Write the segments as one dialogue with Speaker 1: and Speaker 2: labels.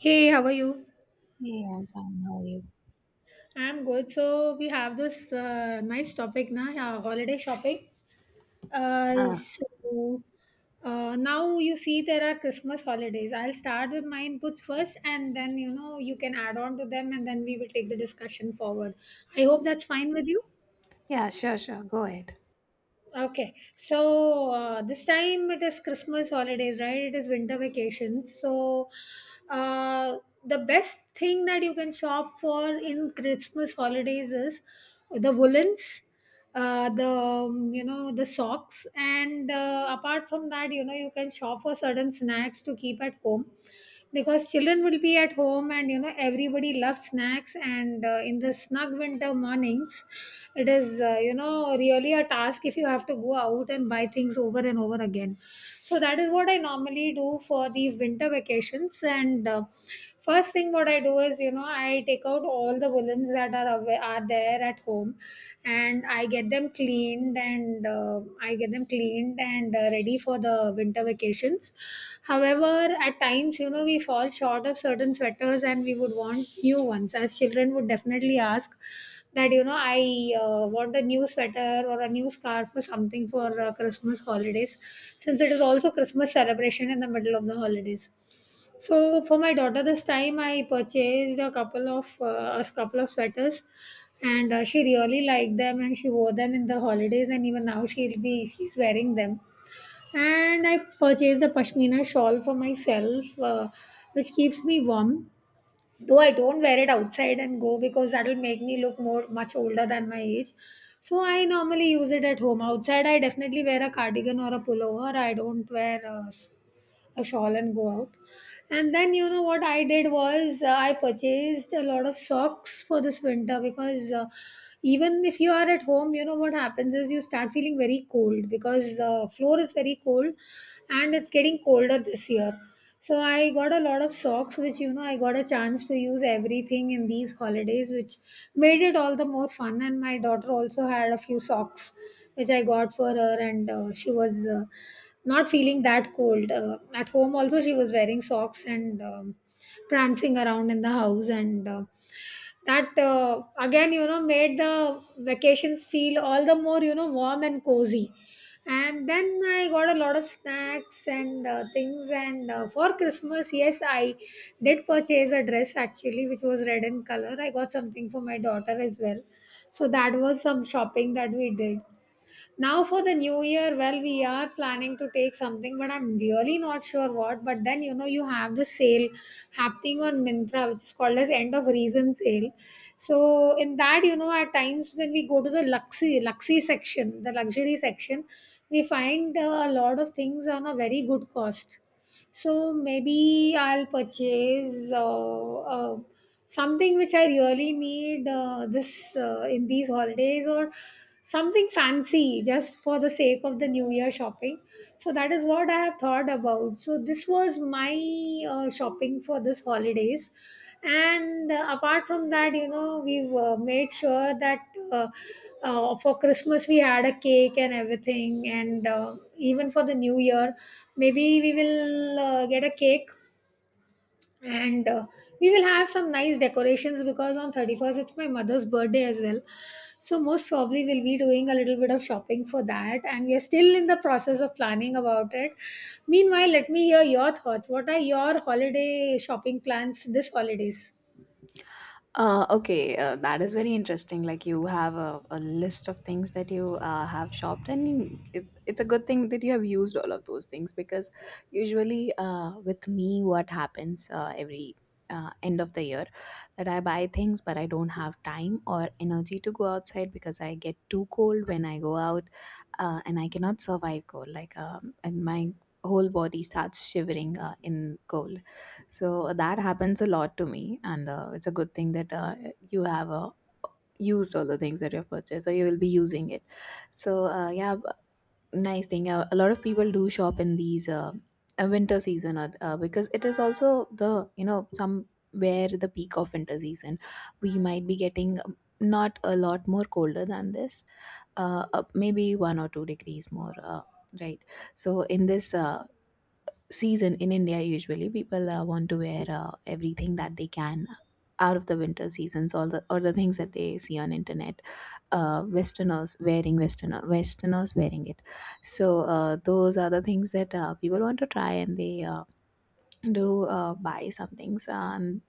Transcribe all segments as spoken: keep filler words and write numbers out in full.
Speaker 1: Hey, how are you?
Speaker 2: Yeah, I'm fine. How are you?
Speaker 1: I'm good. So we have this uh, nice topic now, uh, holiday shopping. Uh,
Speaker 2: Uh,
Speaker 1: so uh, Now you see there are Christmas holidays. I'll start with my inputs first, and then you know you can add on to them, and then we will take the discussion forward. I hope that's fine with you.
Speaker 2: yeah, sure, sure. Go ahead.
Speaker 1: Okay, so uh, this time it is Christmas holidays, right? It is winter vacations. So, uh, the best thing that you can shop for in Christmas holidays is the woolens, uh, the um, you know the socks, and uh, apart from that, you know you can shop for certain snacks to keep at home because children will be at home and you know everybody loves snacks and uh, in the snug winter mornings it is uh, you know really a task if you have to go out and buy things over and over again. So that is what I normally do for these winter vacations, and uh, first thing what I do is you know I take out all the woolens that are away, are there at home, and I get them cleaned and uh, I get them cleaned and uh, ready for the winter vacations. However, at times, you know, we fall short of certain sweaters and we would want new ones. As children would definitely ask that, you know, I uh, want a new sweater or a new scarf or something for uh, Christmas holidays, since it is also Christmas celebration in the middle of the holidays. So for my daughter, this time I purchased a couple of uh, a couple of sweaters, and uh, she really liked them, and she wore them in the holidays, and even now she'll be she's wearing them. And I purchased a pashmina shawl for myself, uh, which keeps me warm. Though I don't wear it outside and go because that'll make me look more much older than my age. So I normally use it at home. Outside, I definitely wear a cardigan or a pullover. I don't wear uh, s- a shawl and go out. And then you know what I did was uh, I purchased a lot of socks for this winter because uh, even if you are at home, you know what happens is you start feeling very cold because the floor is very cold and it's getting colder this year. So I got a lot of socks, which you know I got a chance to use everything in these holidays, which made it all the more fun. And my daughter also had a few socks, which I got for her, and uh, she was uh, not feeling that cold. Uh, at home, also, she was wearing socks and um, prancing around in the house, and uh, that uh, again, you know, made the vacations feel all the more, you know, warm and cozy. And then I got a lot of snacks and uh, things. And uh, for Christmas, yes, I did purchase a dress actually, which was red in color. I got something for my daughter as well. So that was some shopping that we did. Now for the new year, well, we are planning to take something, but I'm really not sure what. But then, you know, you have the sale happening on Mintra, which is called as end of reason sale. So in that, you know, at times when we go to the luxury luxury section, the luxury section, we find uh, a lot of things on a very good cost. So maybe I'll purchase uh, uh, something which I really need uh, this uh, in these holidays or something fancy just for the sake of the new year shopping. So that is what I have thought about. So this was my uh, shopping for this holidays. And uh, apart from that, you know, we've uh, made sure that uh, uh, for Christmas we had a cake and everything, and uh, even for the new year maybe we will uh, get a cake, and uh, we will have some nice decorations because on thirty-first it's my mother's birthday as well. So most probably we'll be doing a little bit of shopping for that, and we are still in the process of planning about it. Meanwhile, let me hear your thoughts. What are your holiday shopping plans this holidays?
Speaker 2: Uh, okay, uh, that is very interesting. Like you have a, a list of things that you uh, have shopped, and it, it's a good thing that you have used all of those things because usually uh, with me, what happens uh, every uh, end of the year that I buy things, but I don't have time or energy to go outside because I get too cold when I go out, uh, and I cannot survive cold. Like um, and my whole body starts shivering uh, in cold. So that happens a lot to me, and uh, it's a good thing that uh, you have uh, used all the things that you've purchased, or you will be using it. So uh, yeah, b- nice thing. Uh, a lot of people do shop in these uh, uh, winter season uh, uh, because it is also the, you know, somewhere the peak of winter season. We might be getting um, not a lot more colder than this, uh, uh, maybe one or two degrees more. Uh, right. So in this uh, season in India, usually people uh, want to wear uh, everything that they can out of the winter seasons, all the or the things that they see on internet. Uh, Westerners wearing Westerner, Westerners wearing it. So uh, those are the things that uh, people want to try, and they uh, do uh, buy some things. And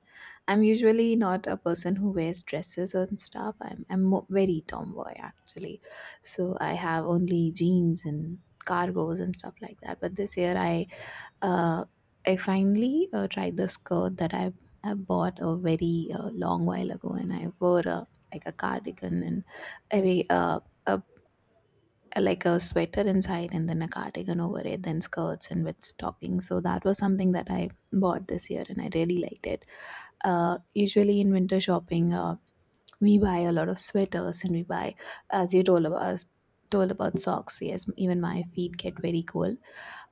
Speaker 2: I'm usually not a person who wears dresses and stuff. I'm I'm mo- very tomboy actually, so I have only jeans and cargos and stuff like that. But this year I uh, I finally uh, tried the skirt that I I bought a very uh, long while ago, and I wore a, like a cardigan and a very, uh, a like a sweater inside, and then a cardigan over it, then skirts and with stockings. So that was something that I bought this year, and I really liked it. Uh, usually in winter shopping, uh, we buy a lot of sweaters, and we buy, as you told about told about socks. Yes, even my feet get very cold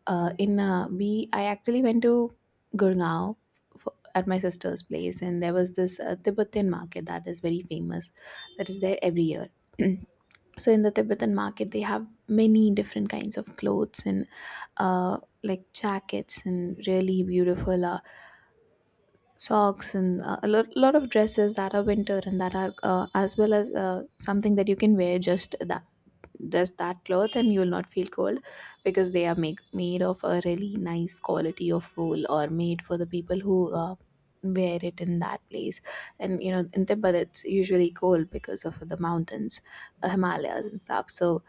Speaker 2: uh, in uh, we I actually went to Gurgaon for, at my sister's place, and there was this uh, Tibetan market that is very famous, that is there every year. So in the Tibetan market, they have many different kinds of clothes and uh, like jackets and really beautiful uh, socks and uh, a lot, lot of dresses that are winter and that are uh, as well as uh, something that you can wear just that just that cloth and you will not feel cold because they are make, made of a really nice quality of wool or made for the people who uh, wear it in that place. And you know in Tibet it's usually cold because of the mountains, uh, Himalayas and stuff. So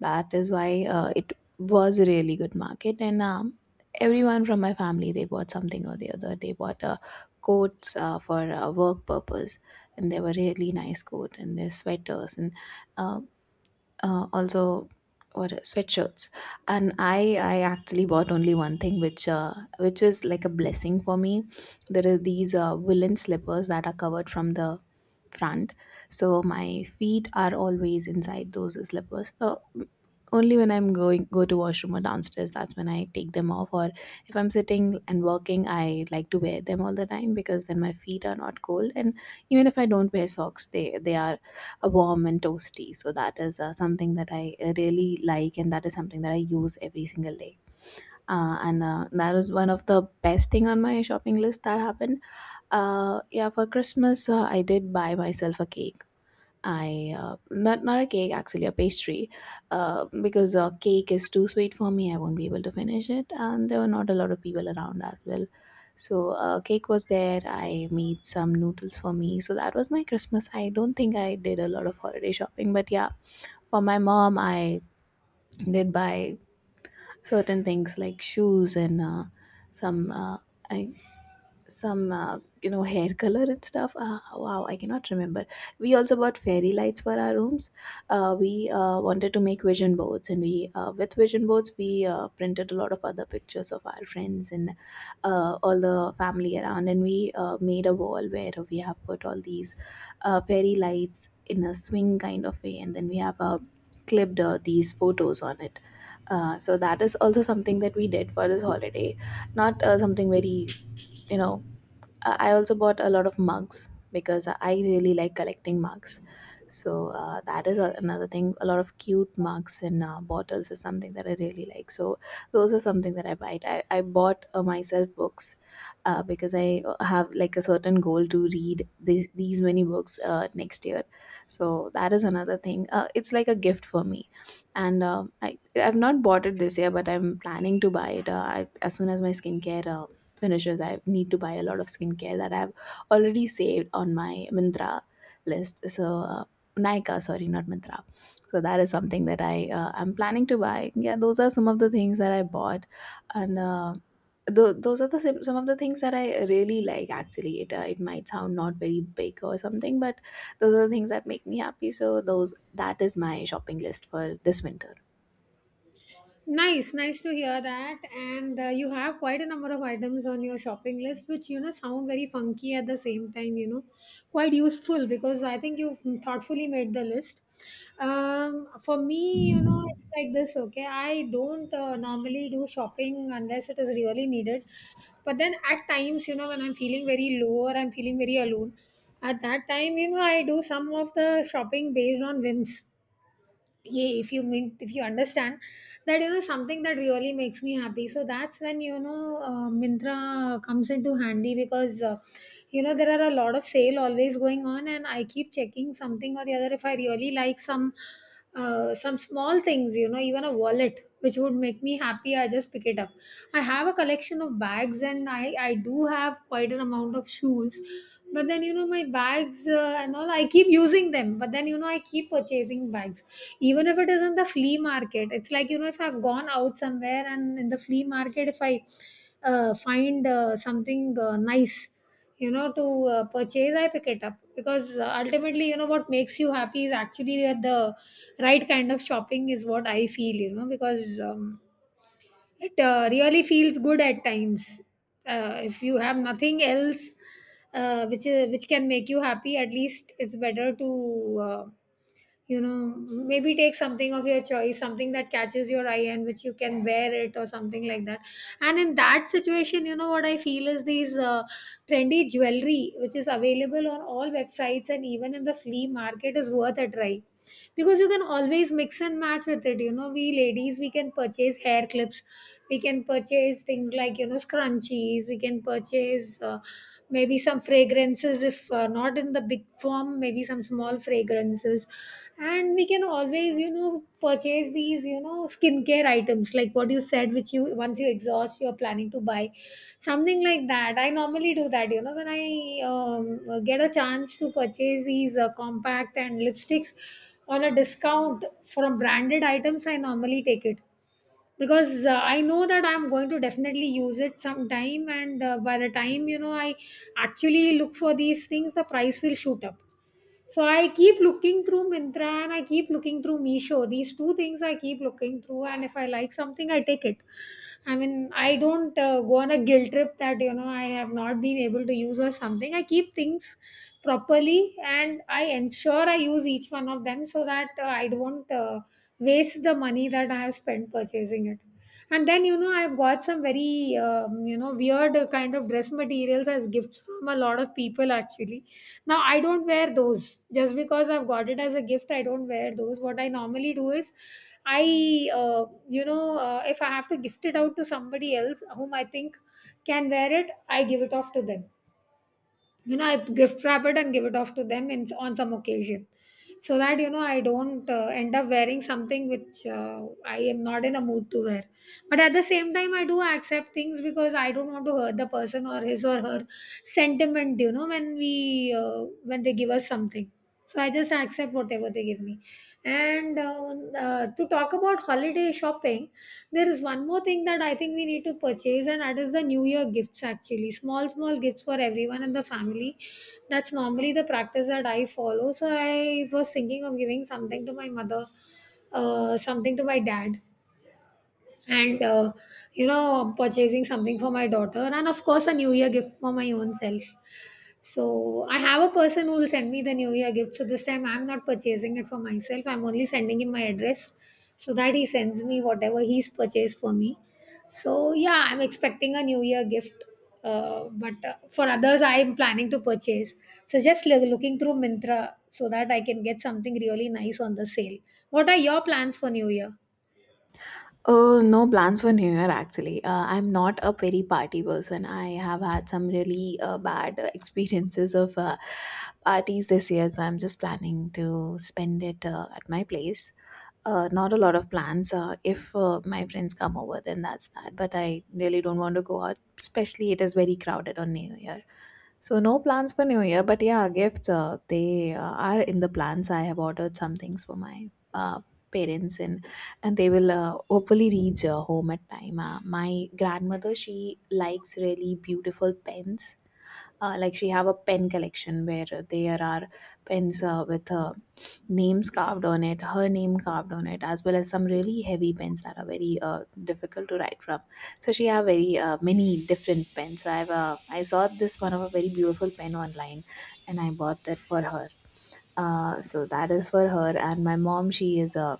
Speaker 2: that is why uh, it was a really good market. And um, everyone from my family, they bought something or the other. They bought uh, coats uh, for uh, work purpose, and they were really nice coat and their sweaters and uh, uh, also what uh, sweatshirts. And i i actually bought only one thing which uh, which is like a blessing for me. There are these uh, woolen slippers that are covered from the front, so my feet are always inside those slippers. Uh, only when I'm going go to washroom or downstairs, that's when I take them off. Or if I'm sitting and working, I like to wear them all the time because then my feet are not cold, and even if I don't wear socks, they they are uh, warm and toasty. So that is uh, something that I uh, really like, and that is something that I use every single day. Uh, and uh, That was one of the best thing on my shopping list that happened. Uh yeah, for Christmas, uh, I did buy myself a cake. I, uh, not not a cake, actually a pastry, uh, because uh, cake is too sweet for me. I won't be able to finish it, and there were not a lot of people around as well. So uh, cake was there. I made some noodles for me. So that was my Christmas. I don't think I did a lot of holiday shopping, but yeah, for my mom, I did buy certain things like shoes and uh, some. Uh, I some, uh, you know, hair color and stuff. Uh, wow, I cannot remember. We also bought fairy lights for our rooms. Uh, we uh, wanted to make vision boards, and we uh, with vision boards we uh, printed a lot of other pictures of our friends and uh, all the family around, and we uh, made a wall where we have put all these uh, fairy lights in a swing kind of way, and then we have uh, clipped uh, these photos on it. Uh, so that is also something that we did for this holiday, not uh, something very, you know. Uh, I also bought a lot of mugs because I really like collecting mugs. So uh, that is a, another thing. A lot of cute mugs and uh, bottles is something that I really like. So those are something that I buy. I, I bought uh, myself books uh, because I have like a certain goal to read these, these many books uh, next year. So that is another thing. Uh, it's like a gift for me, and uh, I, I've not bought it this year, but I'm planning to buy it. Uh, I, as soon as my skincare Uh, finishes, I need to buy a lot of skincare that I've already saved on my Mintra list. So uh, Nika, sorry, not Mintra. So that is something that I uh, am planning to buy. Yeah, those are some of the things that I bought. and uh, tho- those are the sim- some of the things that I really like. Actually, it uh, it might sound not very big or something, but those are the things that make me happy. So those that is my shopping list for this winter.
Speaker 1: Nice, nice to hear that. And uh, you have quite a number of items on your shopping list, which you know sound very funky at the same time. You know, quite useful because I think you've thoughtfully made the list. Um, for me, you know, it's like this. Okay, I don't uh, normally do shopping unless it is really needed. But then at times, you know, when I'm feeling very low or I'm feeling very alone, at that time, you know, I do some of the shopping based on whims. Yeah, if you mean, if you understand, that you know something that really makes me happy, so that's when you know uh, Mintra comes into handy because uh, you know there are a lot of sale always going on, and I keep checking something or the other. If I really like some uh, some small things, you know, even a wallet which would make me happy, I just pick it up. I have a collection of bags and i i do have quite an amount of shoes, but then you know my bags uh, and all I keep using them, but then you know I keep purchasing bags even if it is in the flea market. It's like, you know, if I've gone out somewhere and in the flea market if I uh, find uh, something uh, nice, you know, to uh, purchase, I pick it up. Because uh, ultimately, you know, what makes you happy is actually that the right kind of shopping is what I feel, you know, because um, it uh, really feels good at times. Uh, if you have nothing else uh, which is, which can make you happy, at least it's better to uh, you know maybe take something of your choice, something that catches your eye and which you can wear it or something like that. And in that situation, you know, what I feel is these uh, trendy jewelry which is available on all websites and even in the flea market is worth a try because you can always mix and match with it. You know, we ladies, we can purchase hair clips, we can purchase things like you know scrunchies, we can purchase uh, maybe some fragrances, if uh, not in the big form, maybe some small fragrances. And we can always you know purchase these you know skincare items like what you said, which you, once you exhaust, you're planning to buy something like that. I normally do that, you know, when I um, get a chance to purchase these uh, compact and lipsticks on a discount from branded items, I normally take it. Because uh, I know that I'm going to definitely use it sometime, and uh, by the time you know I actually look for these things, the price will shoot up. So I keep looking through Mintra and I keep looking through Meesho. These two things I keep looking through, and if I like something, I take it. I mean, I don't uh, go on a guilt trip that you know I have not been able to use or something. I keep things properly, and I ensure I use each one of them so that uh, I don't uh, waste the money that I have spent purchasing it. And then you know I've got some very um, you know weird uh, kind of dress materials as gifts from a lot of people. Actually now, I don't wear those just because I've got it as a gift. I don't wear those. What I normally do is I, uh, you know, uh, if I have to gift it out to somebody else whom I think can wear it, I give it off to them. You know, I gift wrap it and give it off to them in on some occasion, so that you know I don't uh, end up wearing something which uh, I am not in a mood to wear. But at the same time I do accept things because I don't want to hurt the person or his or her sentiment. You know, when we uh, when they give us something, so I just accept whatever they give me. And uh, uh, to talk about holiday shopping, there is one more thing that I think we need to purchase, and that is the New Year gifts actually. Small, small gifts for everyone in the family. That's normally the practice that I follow. So I was thinking of giving something to my mother, uh, something to my dad, and uh, you know, purchasing something for my daughter, and of course, a New Year gift for my own self. So I have a person who will send me the New Year gift. So this time I'm not purchasing it for myself. I'm only sending him my address so that he sends me whatever he's purchased for me. So yeah, I'm expecting a New Year gift. Uh, but uh, for others, I am planning to purchase. So just loo- looking through Mintra so that I can get something really nice on the sale. What are your plans for New Year?
Speaker 2: Uh, no plans for New Year actually. Uh, I'm not a very party person. I have had some really uh, bad uh, experiences of uh, parties this year, so I'm just planning to spend it uh, at my place. Uh, not a lot of plans. Uh, if uh, my friends come over, then that's that. But I really don't want to go out, especially it is very crowded on New Year. So no plans for New Year, but yeah, gifts. Uh, they uh, are in the plans. I have ordered some things for my uh, parents, and and they will uh, hopefully reach uh, home at time. Uh, my grandmother, she likes really beautiful pens. Uh, like, she have a pen collection where uh, there are pens uh, with uh, names carved on it, her name carved on it, as well as some really heavy pens that are very uh, difficult to write from. So she have very uh, many different pens. i've uh, I saw this one of a very beautiful pen online, and I bought that for her. Uh, so that is for her. And my mom, she is a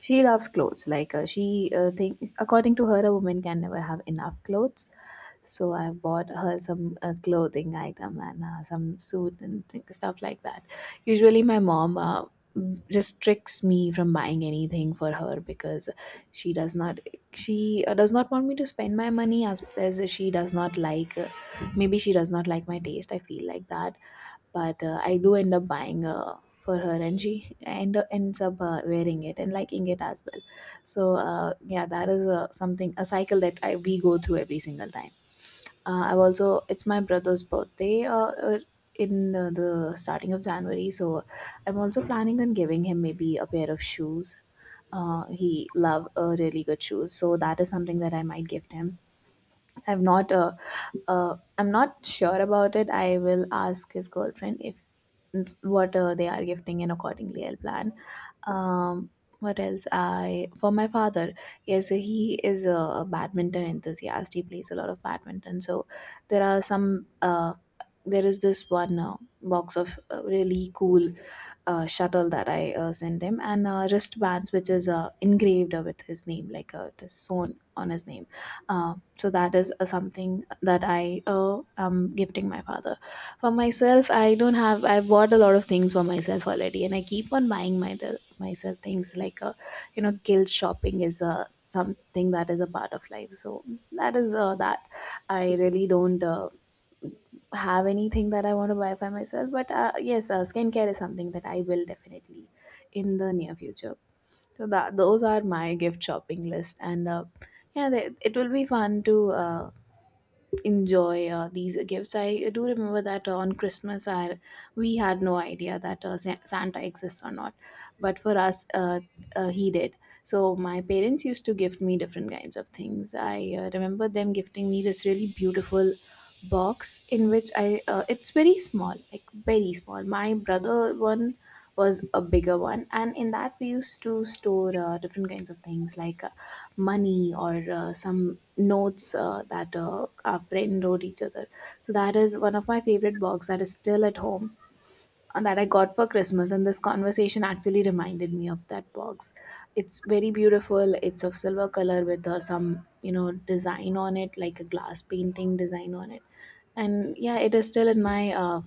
Speaker 2: she loves clothes. Like, uh, she uh, think, according to her, a woman can never have enough clothes. So I bought her some uh, clothing item and uh, some suit and thing, stuff like that. Usually my mom uh, just tricks me from buying anything for her because she does not she uh, does not want me to spend my money as, as she does not like, uh, maybe she does not like my taste, I feel like that. But uh, I do end up buying uh, for her, and she end up ends up uh, wearing it and liking it as well. So uh, yeah, that is uh, something, a cycle that I we go through every single time. Uh, I've also, it's my brother's birthday uh, uh, in uh, the starting of January, so I'm also planning on giving him maybe a pair of shoes. Uh, he love uh, really good shoes, so that is something that I might gift him. I've not uh, uh I'm not sure about it. I will ask his girlfriend if what uh, they are gifting, and accordingly I'll plan. Um, what else? I, for my father, yes, he is a, a badminton enthusiast. He plays a lot of badminton. So there are some uh there is this one uh, box of uh, really cool uh, shuttle that I uh, sent them, and uh, wristbands which is uh, engraved uh, with his name, like uh, it is sewn on his name. Uh, so that is uh, something that I uh, am gifting my father. For myself, I don't have. I've bought a lot of things for myself already, and I keep on buying my myself things like uh, you know, guilt shopping is uh, something that is a part of life. So that is uh, that. I really don't. Uh, have anything that I want to buy by myself, but uh, yes, uh, skincare is something that I will definitely in the near future. So that those are my gift shopping list, and uh, yeah, they, it will be fun to uh, enjoy uh, these gifts. I do remember that uh, on Christmas, I, we had no idea that uh, Sa- Santa exists or not, but for us, uh, uh, he did. So my parents used to gift me different kinds of things. I uh, remember them gifting me this really beautiful box in which I uh, it's very small, like very small. My brother one was a bigger one, and in that we used to store uh, different kinds of things like uh, money or uh, some notes uh, that uh, our friend wrote each other. So that is one of my favorite books that is still at home and that I got for Christmas. And this conversation actually reminded me of that box. It's very beautiful. It's of silver color with uh, some you know design on it, like a glass painting design on it. And yeah, it is still in my uh,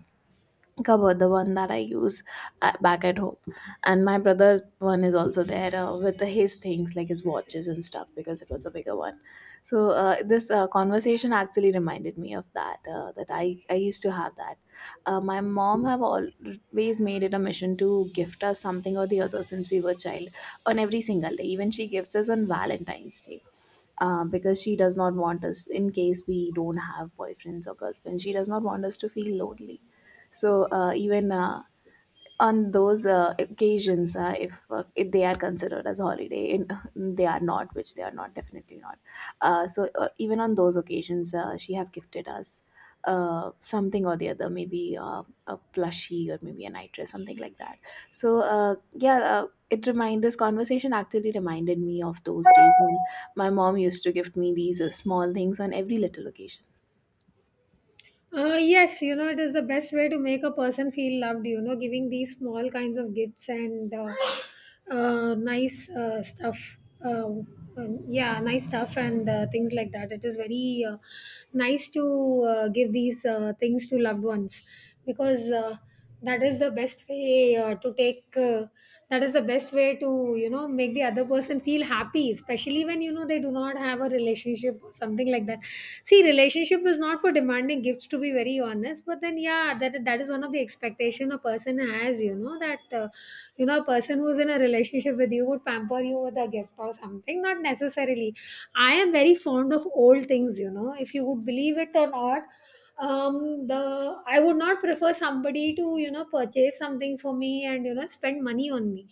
Speaker 2: cover, the one that I use uh, back at home, and my brother's one is also there uh, with his things like his watches and stuff because it was a bigger one. So uh, this uh, conversation actually reminded me of that uh, that i i used to have that. Uh, my mom have always made it a mission to gift us something or the other since we were child, on every single day. Even she gifts us on Valentine's Day, um, because she does not want us, in case we don't have boyfriends or girlfriends, she does not want us to feel lonely. So uh, even uh, on those uh, occasions, uh, if, uh, if they are considered as holiday, in, they are not, which they are not, definitely not. Uh, so uh, even on those occasions, uh, she have gifted us uh, something or the other, maybe uh, a plushie or maybe a night dress, something like that. So uh, yeah, uh, it remind this conversation actually reminded me of those days when my mom used to gift me these uh, small things on every little occasion.
Speaker 1: Uh, yes, you know, it is the best way to make a person feel loved, you know, giving these small kinds of gifts and uh, uh, nice uh, stuff. Uh, and- yeah, nice stuff and uh, things like that. It is very uh, nice to uh, give these uh, things to loved ones because uh, that is the best way uh, to take. Uh, that is the best way to, you know, make the other person feel happy, especially when you know they do not have a relationship or something like that. See, relationship is not for demanding gifts, to be very honest, but then yeah, that that is one of the expectation a person has. You know, that uh, you know a person who's in a relationship with you would pamper you with a gift or something, not necessarily. I am very fond of old things, you know, if you would believe it or not. Um the i would not prefer somebody to, you know, purchase something for me and, you know, spend money on me.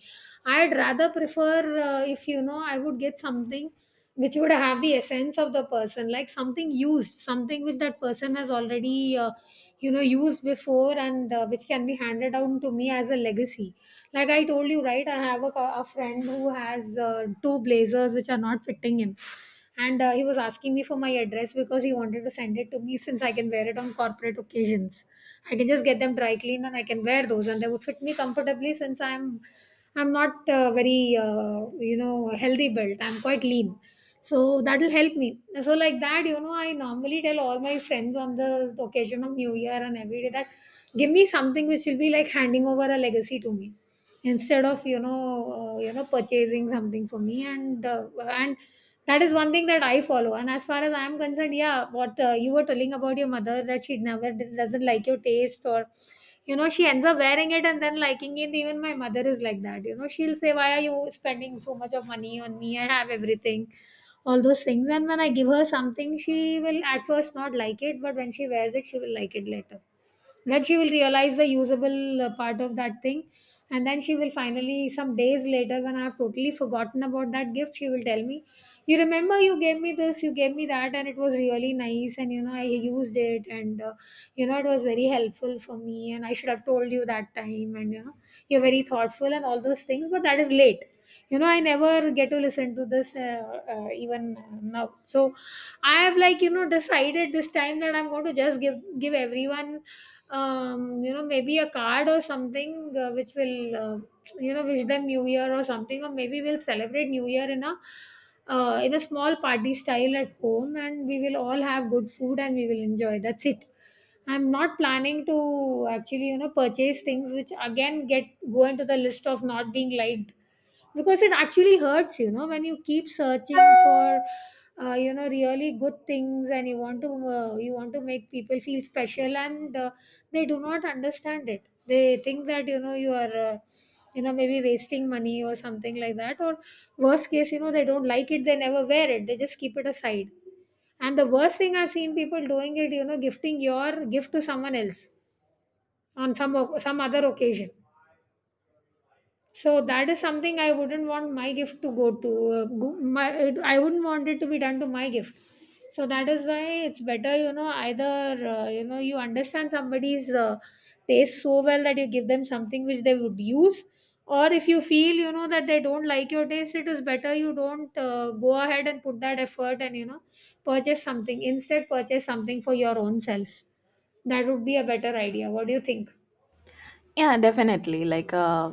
Speaker 1: I'd rather prefer, uh, if you know, I would get something which would have the essence of the person, like something used, something which that person has already uh, you know used before, and uh, which can be handed down to me as a legacy. Like I told you, right, I have a, co- a friend who has uh, two blazers which are not fitting him, and uh, he was asking me for my address because he wanted to send it to me, since I can wear it on corporate occasions. I can just get them dry cleaned and I can wear those, and they would fit me comfortably, since i'm i'm not uh, very uh, you know healthy built, I'm quite lean, so that'll help me. So like that, you know, I normally tell all my friends on the occasion of new year and every day that give me something which will be like handing over a legacy to me, instead of you know uh, you know purchasing something for me. And uh, and that is one thing that I follow. And as far as I am concerned, yeah, what uh, you were telling about your mother, that she never, doesn't like your taste, or you know she ends up wearing it and then liking it. Even my mother is like that, you know. She'll say, why are you spending so much of money on me, I have everything, all those things. And when I give her something, she will at first not like it, but when she wears it, she will like it later. Then she will realize the usable uh, part of that thing. And then she will finally, some days later, when I have totally forgotten about that gift, she will tell me, you remember, you gave me this, you gave me that, and it was really nice, and you know I used it, and uh, you know, it was very helpful for me, and I should have told you that time, and you know, you're very thoughtful and all those things. But that is late. You know, I never get to listen to this uh, uh, even now. So I have, like, you know, decided this time that I'm going to just give give everyone, um, you know, maybe a card or something, uh, which will uh, you know wish them new year or something. Or maybe we'll celebrate new year in a uh, in a small party style at home, and we will all have good food and we will enjoy. That's it. I'm not planning to actually, you know, purchase things which again get go into the list of not being liked. Because it actually hurts, you know, when you keep searching for uh, you know really good things, and you want to uh, you want to make people feel special, and uh, they do not understand it. They think that you know you are uh, you know maybe wasting money or something like that, or worst case, you know, they don't like it, they never wear it, they just keep it aside. And the worst thing I've seen people doing it, you know, gifting your gift to someone else on some o- some other occasion. So that is something I wouldn't want my gift to go to. Uh, go, my it, I wouldn't want it to be done to my gift. So that is why it's better, you know, either uh, you know you understand somebody's uh, taste so well that you give them something which they would use, or if you feel you know that they don't like your taste, it is better you don't uh, go ahead and put that effort and you know purchase something. Instead, purchase something for your own self. That would be a better idea. What do you think?
Speaker 2: Yeah, definitely. Like, uh,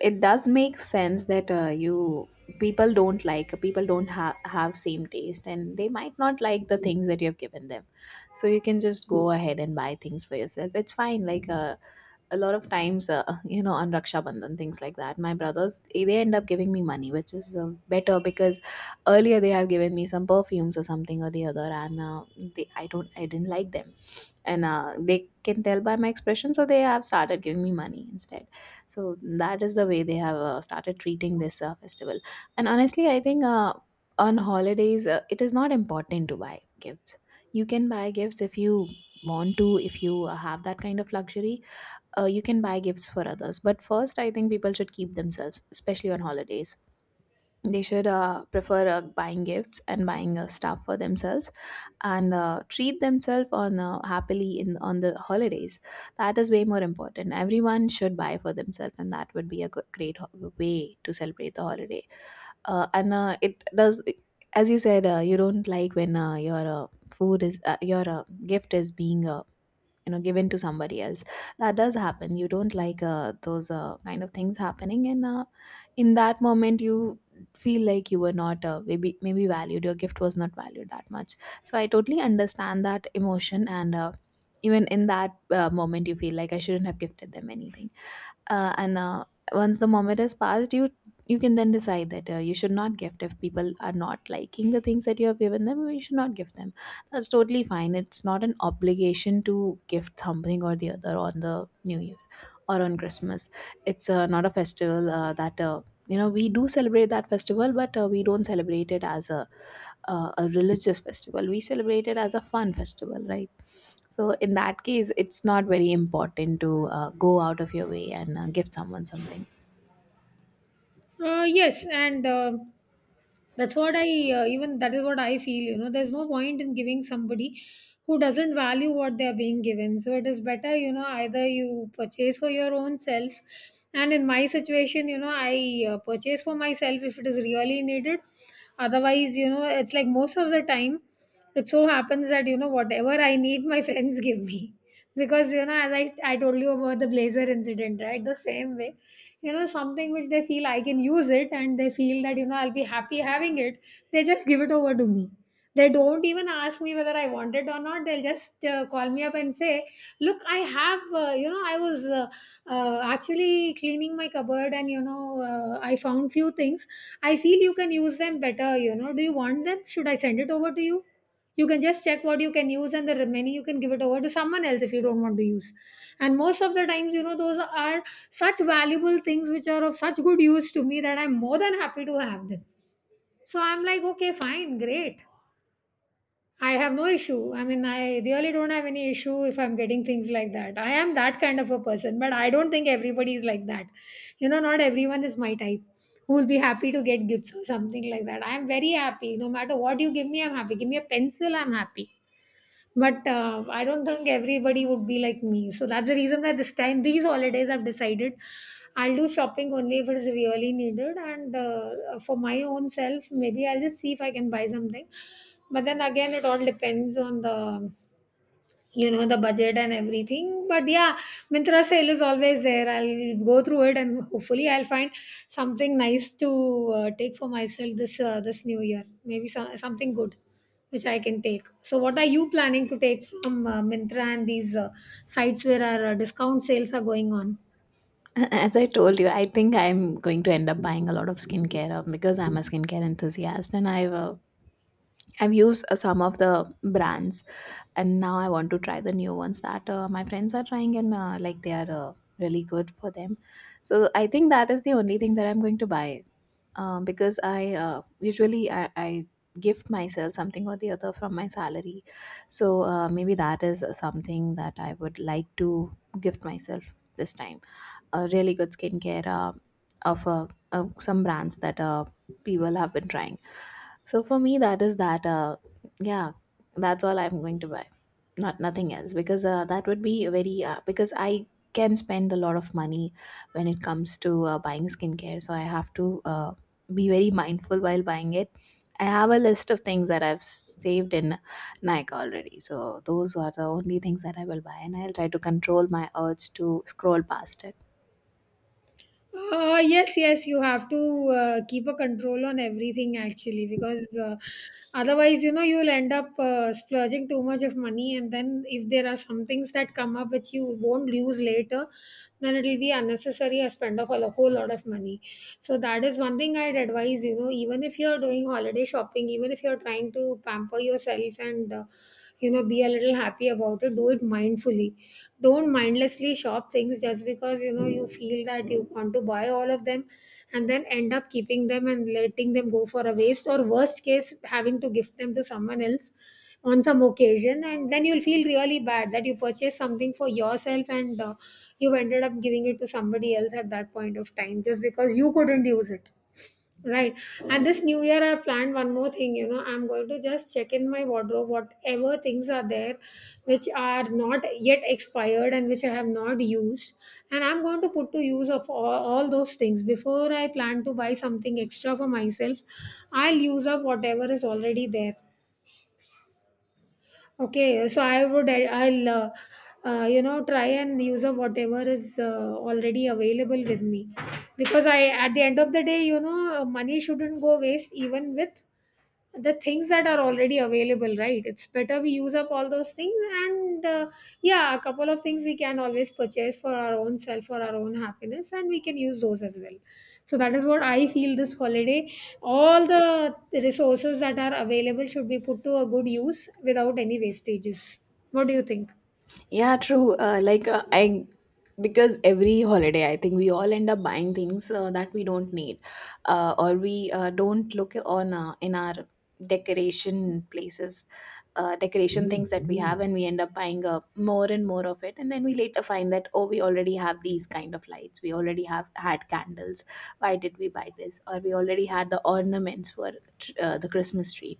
Speaker 2: it does make sense that uh, you people don't like people don't have have same taste, and they might not like the things that you have given them. So you can just go ahead and buy things for yourself. It's fine. Like, uh, a lot of times, uh, you know, on Raksha Bandhan things like that, my brothers eh, they end up giving me money, which is uh, better, because earlier they have given me some perfumes or something or the other, and uh, they I don't I didn't like them, and uh, they can tell by my expression, so they have started giving me money instead. So that is the way they have uh, started treating this uh, festival. And honestly, I think uh, on holidays, uh, it is not important to buy gifts. You can buy gifts if you want to, if you uh, have that kind of luxury. Uh, you can buy gifts for others, but first, I think people should keep themselves, especially on holidays, they should uh, prefer uh, buying gifts and buying uh, stuff for themselves, and uh, treat themselves on uh, happily in on the holidays. That is way more important. Everyone should buy for themselves, and that would be a good, great ho- way to celebrate the holiday. Uh, and uh, It does, as you said, uh, you don't like when uh, your uh, food is uh, your uh, gift is being uh, you know given to somebody else. That does happen. You don't like uh, those uh, kind of things happening, and uh, in that moment, you feel like you were not uh, maybe maybe valued, your gift was not valued that much. So I totally understand that emotion. And uh, even in that uh, moment, you feel like I shouldn't have gifted them anything. Uh, and uh, Once the moment has passed, you you can then decide that uh, you should not gift. If people are not liking the things that you have given them, you should not give them. That's totally fine. It's not an obligation to gift something or the other on the new year, or on Christmas. It's uh, not a festival uh, that uh, you know we do celebrate that festival, but uh, we don't celebrate it as a uh, a religious festival. We celebrate it as a fun festival, right? So in that case, it's not very important to uh, go out of your way and uh, give someone something.
Speaker 1: Uh, yes, and. Uh, That's what I uh, even that is what I feel. You know, there's no point in giving somebody who doesn't value what they are being given. So it is better, you know, either you purchase for your own self. And in my situation, you know, I uh, purchase for myself if it is really needed. Otherwise, you know, it's like most of the time, it so happens that you know whatever I need, my friends give me. Because you know, as I I told you about the blazer incident, right? The same way, you know, something which they feel I can use it, and they feel that you know I'll be happy having it, they just give it over to me. They don't even ask me whether I want it or not. They'll just uh, call me up and say, look, I have uh, you know, i was uh, uh, actually cleaning my cupboard, and you know uh, I found few things, I feel you can use them better, you know. Do you want them? Should I send it over to you? You can just check what you can use, and the remaining you can give it over to someone else if you don't want to use. And most of the times, you know, those are such valuable things which are of such good use to me that I'm more than happy to have them. So I'm like, okay, fine, great. I have no issue. I mean, I really don't have any issue if I'm getting things like that. I am that kind of a person, but I don't think everybody is like that. You know, not everyone is my type who will be happy to get gifts or something like that. I am very happy. No matter what you give me, I'm happy. Give me a pencil, I'm happy. But uh, I don't think everybody would be like me. So that's the reason why this time, these holidays, I've decided I'll do shopping only if it is really needed. And uh, for my own self, maybe I'll just see if I can buy something. But then again, it all depends on the, you know, the budget and everything. But yeah, Mintra sale is always there. I'll go through it, and hopefully I'll find something nice to uh, take for myself this uh, this new year. Maybe some, something good which I can take. So, what are you planning to take from uh, Mintra and these uh, sites where our uh, discount sales are going on?
Speaker 2: As I told you, I think I'm going to end up buying a lot of skincare, uh, because I'm a skincare enthusiast, and I've uh, I've used uh, some of the brands, and now I want to try the new ones that uh, my friends are trying, and uh, like they are uh, really good for them. So I think that is the only thing that I'm going to buy, um, because I uh, usually I, I gift myself something or the other from my salary. So uh, maybe that is something that I would like to gift myself this time, a really good skincare, uh, of uh, uh, some brands that uh, people have been trying. So for me, that is that. Uh, yeah, that's all I'm going to buy, not nothing else, because uh, that would be very uh, because I can spend a lot of money when it comes to uh, buying skincare. So I have to uh, be very mindful while buying it. I have a list of things that I've saved in Nike already. So those are the only things that I will buy, and I'll try to control my urge to scroll past it.
Speaker 1: Uh, yes, yes, you have to uh, keep a control on everything actually, because uh, otherwise, you know, you'll end up uh, splurging too much of money. And then, if there are some things that come up which you won't use later, then it'll be unnecessary a spend of a lo- whole lot of money. So, that is one thing I'd advise, you know. Even if you're doing holiday shopping, even if you're trying to pamper yourself and, uh, you know, be a little happy about it, do it mindfully. Don't mindlessly shop things just because you know you feel that you want to buy all of them, and then end up keeping them and letting them go for a waste, or worst case, having to gift them to someone else on some occasion, and then you'll feel really bad that you purchased something for yourself and uh, you ended up giving it to somebody else at that point of time just because you couldn't use it. Right. And this new year, I planned one more thing. You know, I'm going to just check in my wardrobe, whatever things are there which are not yet expired and which I have not used. And I'm going to put to use of all, all those things. Before I plan to buy something extra for myself, I'll use up whatever is already there. Okay, so I would I'll uh, uh, you know try and use up whatever is uh, already available with me, because I, at the end of the day, you know, money shouldn't go waste even with the things that are already available, right? It's better we use up all those things. And uh, yeah, a couple of things we can always purchase for our own self, for our own happiness, and we can use those as well. So that is what I feel this holiday, all the resources that are available should be put to a good use without any wastages. What do you think?
Speaker 2: Yeah, true. Uh, like uh, I, because every holiday, I think we all end up buying things uh, that we don't need, uh, or we uh, don't look on uh, in our decoration places, uh, decoration things that we have, and we end up buying uh, more and more of it, and then we later find that oh, we already have these kind of lights, we already have had candles. Why did we buy this? Or we already had the ornaments for tr- uh, the Christmas tree.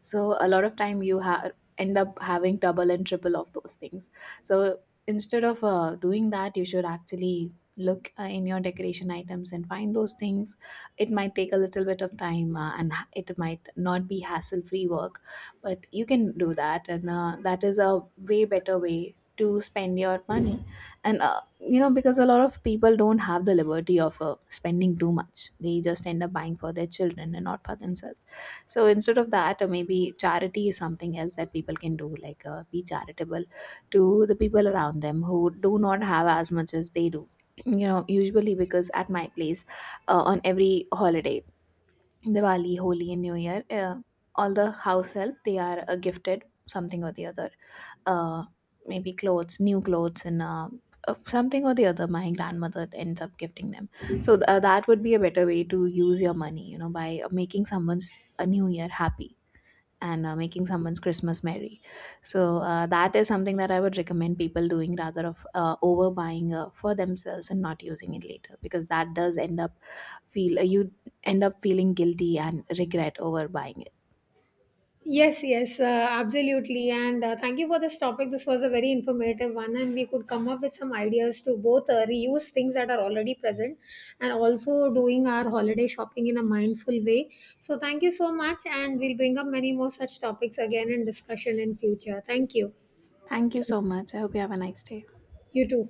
Speaker 2: So a lot of time you ha- end up having double and triple of those things. So instead of uh, doing that, you should actually look uh, in your decoration items and find those things. It might take a little bit of time, uh, and ha- it might not be hassle free work, but you can do that, and uh, that is a way better way to spend your money. And uh, you know because a lot of people don't have the liberty of uh, spending too much, they just end up buying for their children and not for themselves. So instead of that, uh, maybe charity is something else that people can do, like uh, be charitable to the people around them who do not have as much as they do. You know, usually, because at my place, uh, on every holiday, Diwali, Holi, and New Year, uh, all the house help, they are uh, gifted something or the other. Uh, Maybe clothes, new clothes, and uh, uh, something or the other. My grandmother ends up gifting them. So th- uh, that would be a better way to use your money. You know, by uh, making someone's a new year happy, and uh, making someone's Christmas merry. So uh, that is something that I would recommend people doing, rather of uh, overbuying uh, for themselves and not using it later, because that does end up feel uh, you end up feeling guilty and regret over buying it.
Speaker 1: Yes, yes, uh, absolutely. And uh, thank you for this topic. This was a very informative one, and we could come up with some ideas to both uh, reuse things that are already present, and also doing our holiday shopping in a mindful way. So, thank you so much. And we'll bring up many more such topics again in discussion in future. Thank you.
Speaker 2: Thank you so much, I hope you have a nice day.
Speaker 1: You too.